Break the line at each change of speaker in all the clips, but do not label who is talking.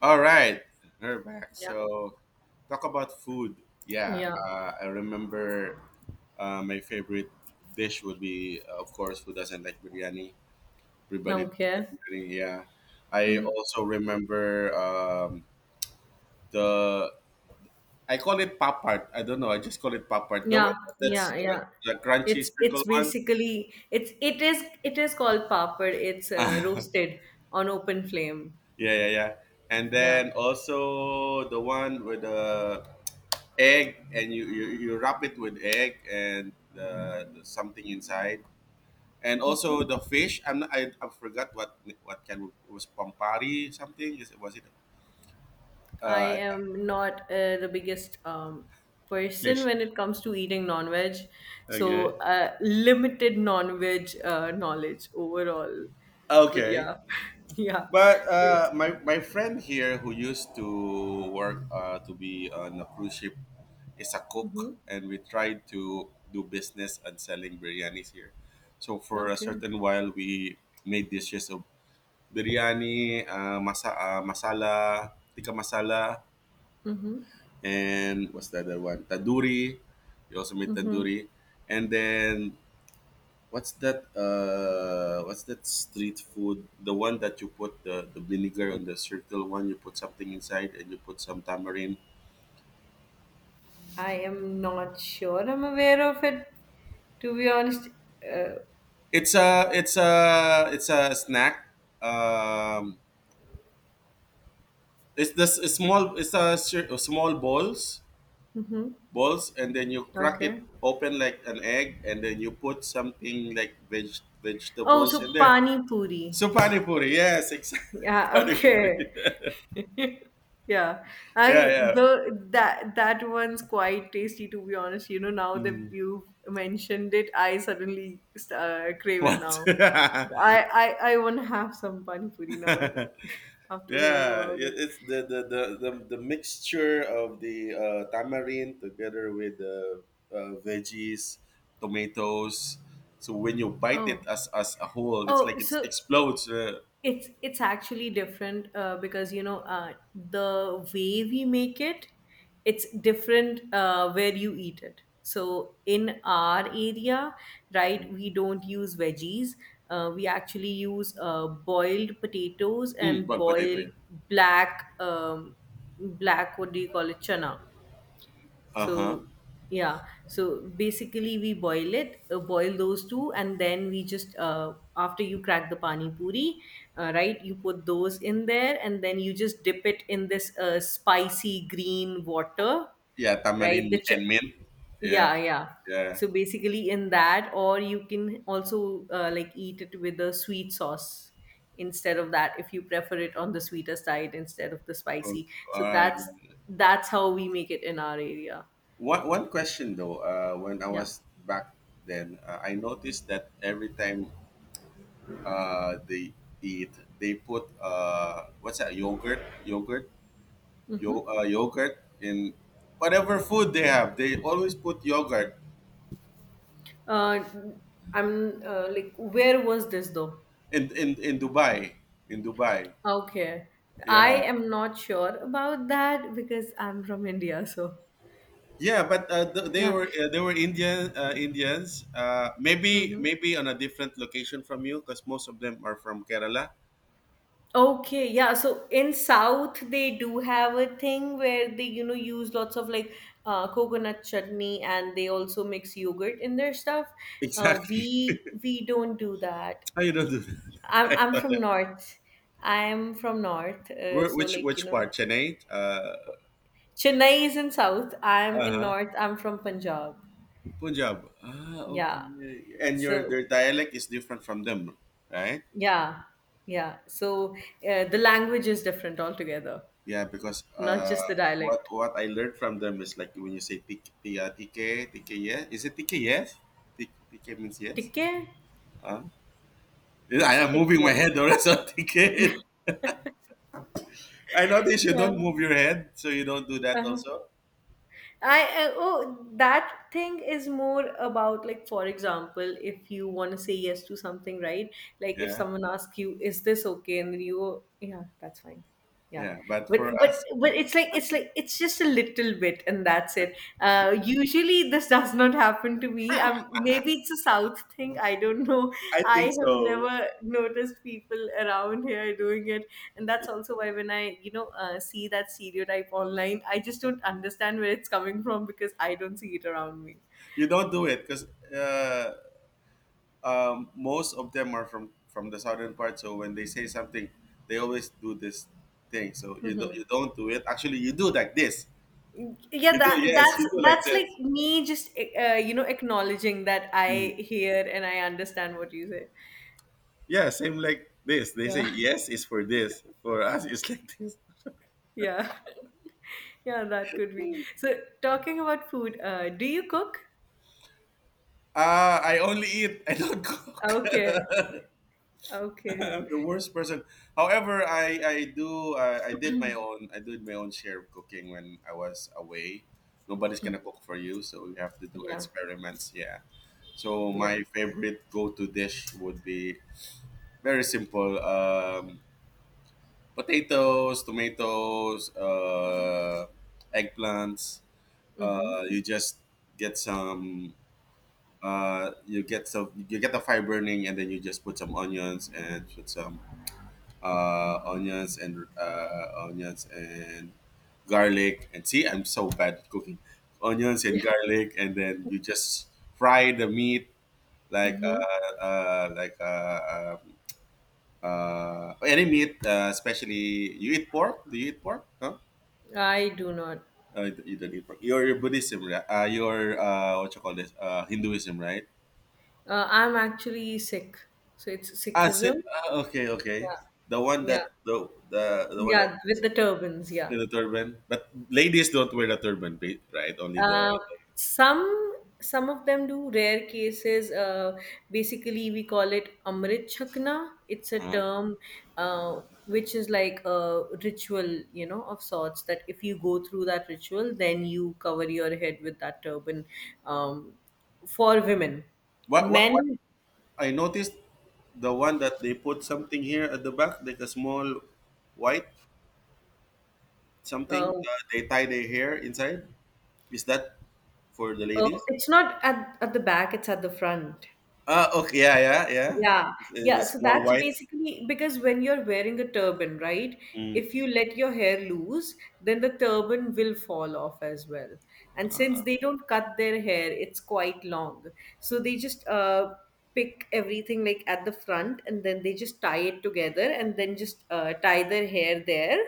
All right, we're back.
Yeah,
So talk about food. Yeah,
yeah.
I remember my favorite dish would be, of course, who doesn't like biryani? Everybody does
Okay.
biryani. Yeah, I
Mhm.
also remember the I call it pop art. I don't know. I just call it pop art. The one
Yeah,
that's
yeah, yeah.
the crunchy
It's
circle one.
basically it is called papad. It's roasted on open flame.
Yeah, yeah, yeah. And
Yeah.
then also the one with the egg and you wrap it with egg and something inside and
hmm
also the fish I'm not, I forgot what kind of, was pampari something is it was it
I
uh,
am not the biggest person
Fish.
when it comes to eating non-veg,
Okay.
so limited non-veg knowledge overall. But
Okay,
yeah, yeah.
but
It's,
my friend here who used to work to be on a cruise ship is a
hmm
cook and we tried to do business and selling biryanis here so for a
Okay.
certain while we made dishes of biryani, masala, tikka masala,
Mm-hmm.
and what's the other one? Tandoori. You also made
Mm-hmm.
tandoori, and then what's that? What's that street food? The one that you put the vinegar on the circle one. You put something inside, and you put some tamarind.
I am not sure I'm aware of it, to be honest. Uh,
It's a snack. Um, it's small. It's a, small balls
mhm.
balls and then you crack it
Okay.
open like an egg and then you put something like
Oh, so
vegetables in there.
pani puri.
So pani puri, yes, exactly.
Yeah,
Pani puri.
okay. Yeah.
Yeah,
I
yeah.
the that that one's quite tasty to be honest. You know, now that
Mm.
you've mentioned it, I suddenly crave it
What?
now. I want to have some pani puri now that-
Yeah,
after hearing about it.
it- it's the mixture of the tamarind together with the veggies, tomatoes. So when you bite it
Oh,
as a whole, it's
oh,
like it
so
explodes.
it's actually different because the way we make it, it's different where you eat it. So in our area, right, we don't use veggies. We actually use boiled potatoes
Mm,
and
boiled potato,
boiled
yeah.
black black, what do you call it, chana.
Uh huh.
so, yeah. So basically, we boil it, boil those two, and then we just after you crack the pani puri, right? You put those in there, and then you just dip it in this spicy green water,
Yeah,
right?
tamarind and mint. Yeah,
Yeah, yeah.
yeah.
So basically, in that, or you can also like eat it with a sweet sauce instead of that if you prefer it on the sweeter side instead of the
Oh,
spicy. So
all right.
that's how we make it in our area.
One one question though. When I
Yeah.
was back then, I noticed that every time they eat, they put what's that yogurt, yogurt,
Mm-hmm.
Yogurt in whatever food they have. They always put yogurt
Uh, I'm like, where was this though?
in in Dubai, in Dubai.
Okay. I
Yeah.
am not sure about that because I'm from India, so
Yeah, but
yeah.
they were Indian Indians. Maybe
Mm-hmm.
maybe on a different location from you, because most of them are from Kerala.
Okay, yeah. So in South, they do have a thing where they, you know, use lots of like coconut chutney, and they also mix yogurt in their stuff.
Exactly.
We don't do that.
How you don't do that? I
I'm
thought
from
that-
North. I'm from North,
Where-
so
which
like you
which
know,
part? Chennai. Uh
Chennai is in south. I'm in
huh.
north. I'm from Punjab.
Punjab. Ah, okay.
Yeah.
And your
So
their dialect is different from them, right?
yeah, yeah. So the language is different altogether,
Yeah, because
not just the
what
dialect.
what I learned from them is like when you say TK, TK, TK, yeah, is it TK? Yes, TK means yes.
Tikke,
I
it's
am moving my
tikke.
head or else I'm thinking. I notice you
Yeah.
don't move your head, so you don't do that
Uh-huh.
also.
I oh, that thing is more about like, for example, if you want to say yes to something, right, like if
Yeah,
someone asks you is this okay and then you go yeah that's fine, yeah.
yeah. But
but
for
but
us,
but it's like, it's like it's just a little bit and that's it. Uh, usually this does not happen to me. Maybe it's a south thing, I don't know.
I
I
think
have
so.
never noticed people around here doing it, and that's also why when I, see that stereotype online, I just don't understand where it's coming from because I don't see it around me.
You don't do it because uh, most of them are from the southern part. So when they say something, they always do this thing. So you
Mhm.
don't do it. Actually, you do like this.
Yeah,
You do
that
yes.
that's
You do like
that's like
this.
me just you know, acknowledging that
Mm.
I hear and I understand what you say.
Yeah, same like this. They
Yeah.
say yes is for this. For us, it's like this.
Yeah. Yeah, that could be. So, talking about food, do you cook?
Ah, I only eat. I don't cook.
Okay. Okay.
I'm the worst person. However, I do I did my own share of cooking when I was away. Nobody's
Mm.
gonna cook for you, so you have to do
Yeah.
experiments. Yeah. So
Yeah.
my favorite go-to dish would be very simple: potatoes, tomatoes, eggplants.
Mm-hmm.
You just get some. You get some. You get the fire burning, and then you just put some onions and put some onions and garlic. And see, I'm so bad at cooking. Onions
Yeah.
and garlic, and then you just fry the meat like
Mm-hmm.
uh, uh, like uh, uh, uh, any meat, especially you eat pork. Do you eat pork? Huh?
I do not.
You don't eat pork. Your Buddhism, right? Your what you call this? Hinduism, right?
I'm actually sick so it's
Ah, si-
Sikhism.
ah, okay, okay. The one
Yeah,
that the one that
yeah, with the turbans, yeah.
In the turban, but ladies don't wear the turban, ba- right? Only the
Uh, some some of them do, rare cases. Uh, basically we call it amrit chakna, it's a
uh,
term, uh, which is like a ritual, you know, of sorts that if you go through that ritual then you cover your head with that turban. um, for women,
what
men,
I noticed the one that they put something here at the back, like a small white
uh,
something. They tie their hair inside. Is that for the ladies?
it's not at, at the back, it's at the front.
Ah, okay, yeah, yeah, yeah.
Yeah,
It's,
yeah.
the
So
small
that's
white.
basically because when you're wearing a turban, right?
Mm,
If you let your hair loose, then the turban will fall off as well. And since they don't cut their hair, it's quite long. So they just pick everything like at the front and then they just tie it together and then just tie their hair there.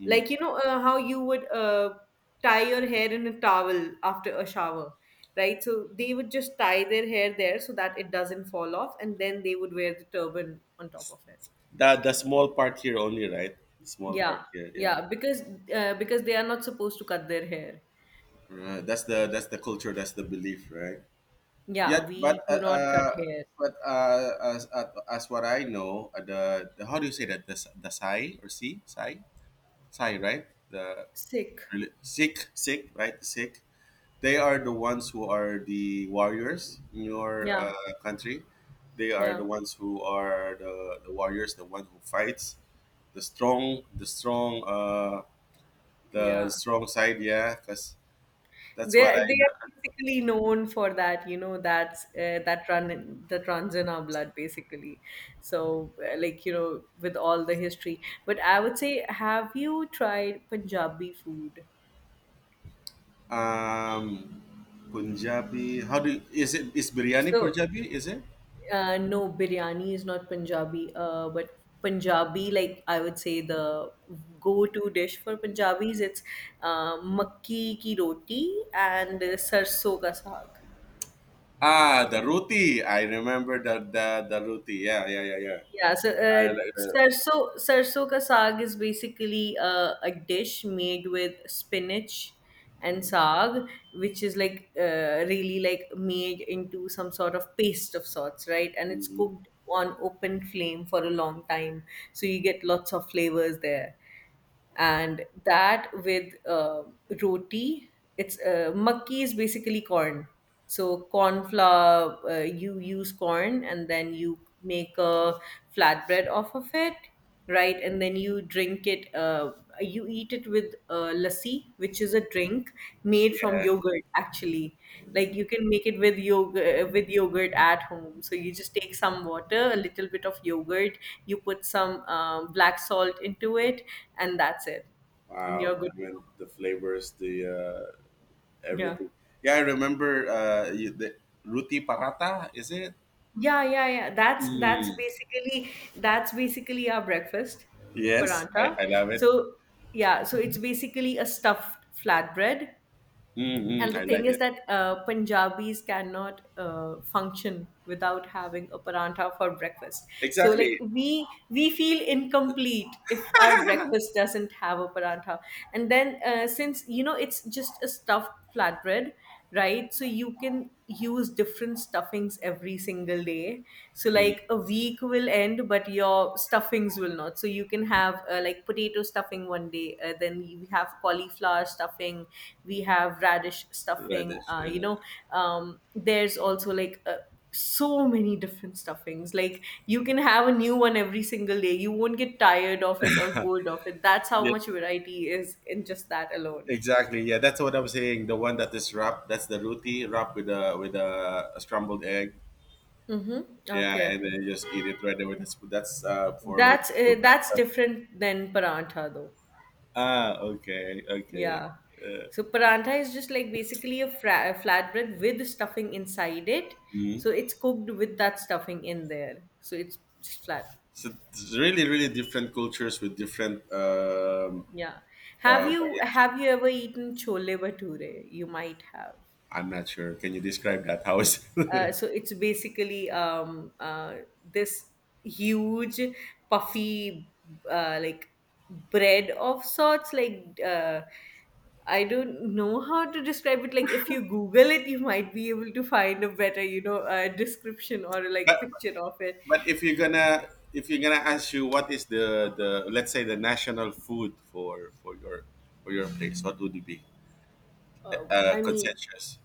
mm.
Like you know, how you would tie your hair in a towel after a shower, right? So they would just tie their hair there so that it doesn't fall off, and then they would wear the turban on top of it.
The small part here only, right? The small
Yeah,
part here, yeah.
yeah, because they are not supposed to cut their hair.
That's the culture. That's the belief, right?
Yeah,
Yet,
we do not cut hair.
but as what I know, the how do you say that the Sai or Si Sai Sai right
Sick.
Sikh Sikh right Sikh they are the ones who are the warriors in your
Yeah,
country. They are the
yeah,
ones who are the warriors, the one who fights, the strong, the strong, uh, the
yeah.
strong side. Yeah, because that's
They
what I
they are basically known for that, you know, that's that run that runs in our blood basically. So like you know, with all the history. But I would say, have you tried Punjabi food?
Um, Punjabi. How do is it? Is biryani
So,
Punjabi? Is it?
no, biryani is not Punjabi, but Punjabi, like I would say the go-to dish for Punjabis, it's makki ki roti and sarson ka saag.
Ah, the roti. I remember the roti. Yeah, yeah, yeah, yeah.
Yeah, so
I like that.
sarso ka saag is basically a dish made with spinach and saag, which is like really like made into some sort of paste of sorts, right? And it's
Mhm.
cooked on open flame for a long time, so you get lots of flavors there, and that with roti. It's makki is basically corn, so corn flour, you use corn and then you make a flatbread off of it, right? And then you eat it with lassi, which is a drink made from
Yeah.
yogurt, actually. Like you can make it with yogurt, at home. So you just take some water, a little bit of yogurt, you put some black salt into it, and that's it. And you're
Wow.
good.
I mean the flavors, the
Yeah.
everything. Yeah, I remember you, the roti paratha. Is it?
Yeah, yeah, yeah. That's
Mm.
basically, our breakfast,
Yes,
paranta.
I love it.
So yeah, so it's basically a stuffed flatbread, and
Mm-hmm.
the
I
thing
like
is
it.
that Punjabis cannot function without having a parantha for breakfast. So like
Exactly.
we feel incomplete if our breakfast doesn't have a parantha. And then since you know it's just a stuffed flatbread, right? So you can use different stuffings every single day. So
Mm.
like a week will end, but your stuffings will not. So you can have like potato stuffing one day, then we have cauliflower stuffing, we have radish stuffing.
Radish.
You
Yeah.
know, there's also like so many different stuffings, like you can have a new one every single day, you won't get tired of it or bored of it. That's how
Yeah.
much variety is in just that alone.
Exactly. Yeah, that's what I'm saying. The one that is wrapped, that's the roti wrapped with a a scrambled egg.
Mm-hmm.
Yeah,
Okay.
and then you just eat it right there with a spoon. That's for
That's
breakfast.
different than parantha though.
Ah, okay, okay.
Yeah.
Uh,
So parantha is just like basically a a flatbread with stuffing inside it.
mhm.
So it's cooked with that stuffing in there. So it's just flat.
So it's really, really different cultures with different
Yeah. Have you
variation.
have you ever eaten chole bhature? You might have.
I'm not sure. Can you describe that? How is?
So it's basically this huge puffy like bread of sorts, like I don't know how to describe it, like if you google it you might be able to find a better, description or like picture of it.
But if you're gonna ask you what is the let's say the national food for for your place, what would it be?
uh, i mean
Conscientious.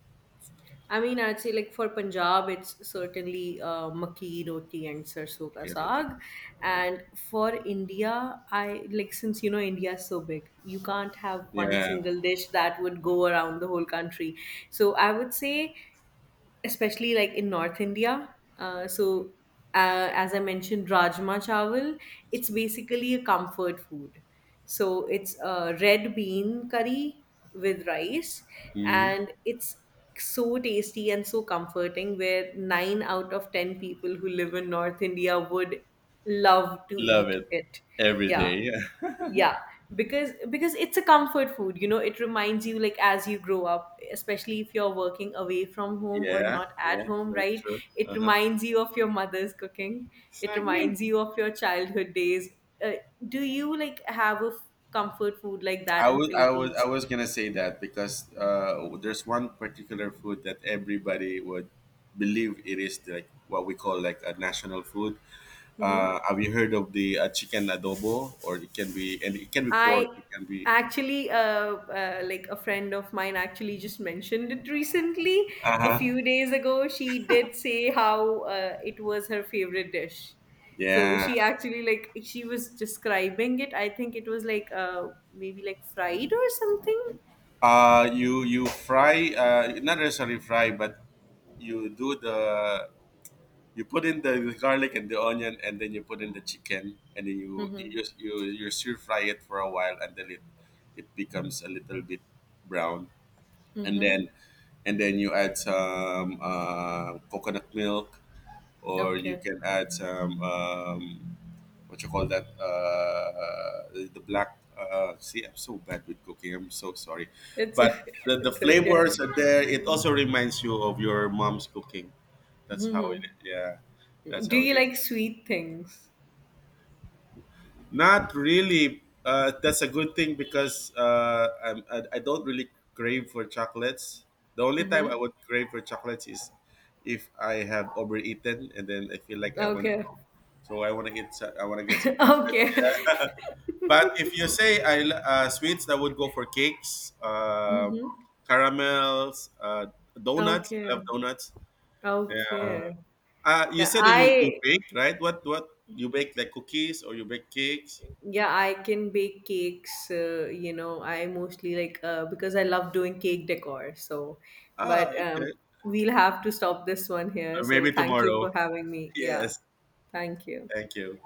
I mean, I'd say like for Punjab, it's certainly makki roti and sarson ka
Erotic.
saag. And for India, I, like, since you know India is so big, you can't have one
Yeah.
single dish that would go around the whole country. So I would say, especially like in North India. Uh, so, as I mentioned, rajma chawal, it's basically a comfort food. So, it's red bean curry with rice,
Hmm.
and it's so tasty and so comforting, where 9 out of 10 people who live in north india would love to
Love
eat
it
it.
every
Yeah,
day.
yeah, because it's a comfort food, you know, it reminds you like as you grow up, especially if you're working away from home or
Yeah,
not at
yeah,
home,
that's
right?
true.
It
Uh-huh.
reminds you of your mother's cooking, it reminds you of your childhood days. Uh, do you like have a comfort food like that in
I
philippines?
was gonna say that because there's one particular food that everybody would believe it is like what we call like a national food.
Mm-hmm.
Have you heard of the chicken adobo? Or it can be, and it can be
I
pork. It can be.
actually, like a friend of mine actually just mentioned it recently.
Uh
A
huh.
few days ago, she did say how it was her favorite dish. So
Yeah.
she actually, like, she was describing it. I think it was like maybe like fried or something.
You you fry not necessarily fry, but you do the you put in the garlic and the onion, and then you put in the chicken, and then you
Mm-hmm.
you just you you stir fry it for a while until it becomes a little bit brown, and
Mm-hmm.
then you add some coconut milk, or you
Okay.
can add some what you call that the black see I'm so bad with cooking I'm so sorry
It's
but the
it's okay.
flavors are there it also reminds you of your mom's cooking that's how it
Mm-hmm.
yeah that's
Do
how it
you
is
like sweet things?
not really that's a good thing because I don't really crave for chocolates the only time I
Mm-hmm.
would crave for chocolates is if I have overeaten and then I feel like I want to
Okay.
so I want to I want to get some chocolates
Okay.
yeah But if you say sweets, I would go for cakes,
Mm-hmm.
caramels, donuts. I
Okay.
love donuts. Yeah.
Okay.
You
Yeah,
said that you
I
bake, right? What you bake like cookies or you bake cakes?
yeah, I can bake cakes, you know, I mostly like because I love doing cake decor. So,
Ah,
but
okay.
we'll have to stop this one here. So,
Maybe
thank you
tomorrow.
for having me. Yeah.
Yes.
Thank you.
Thank you.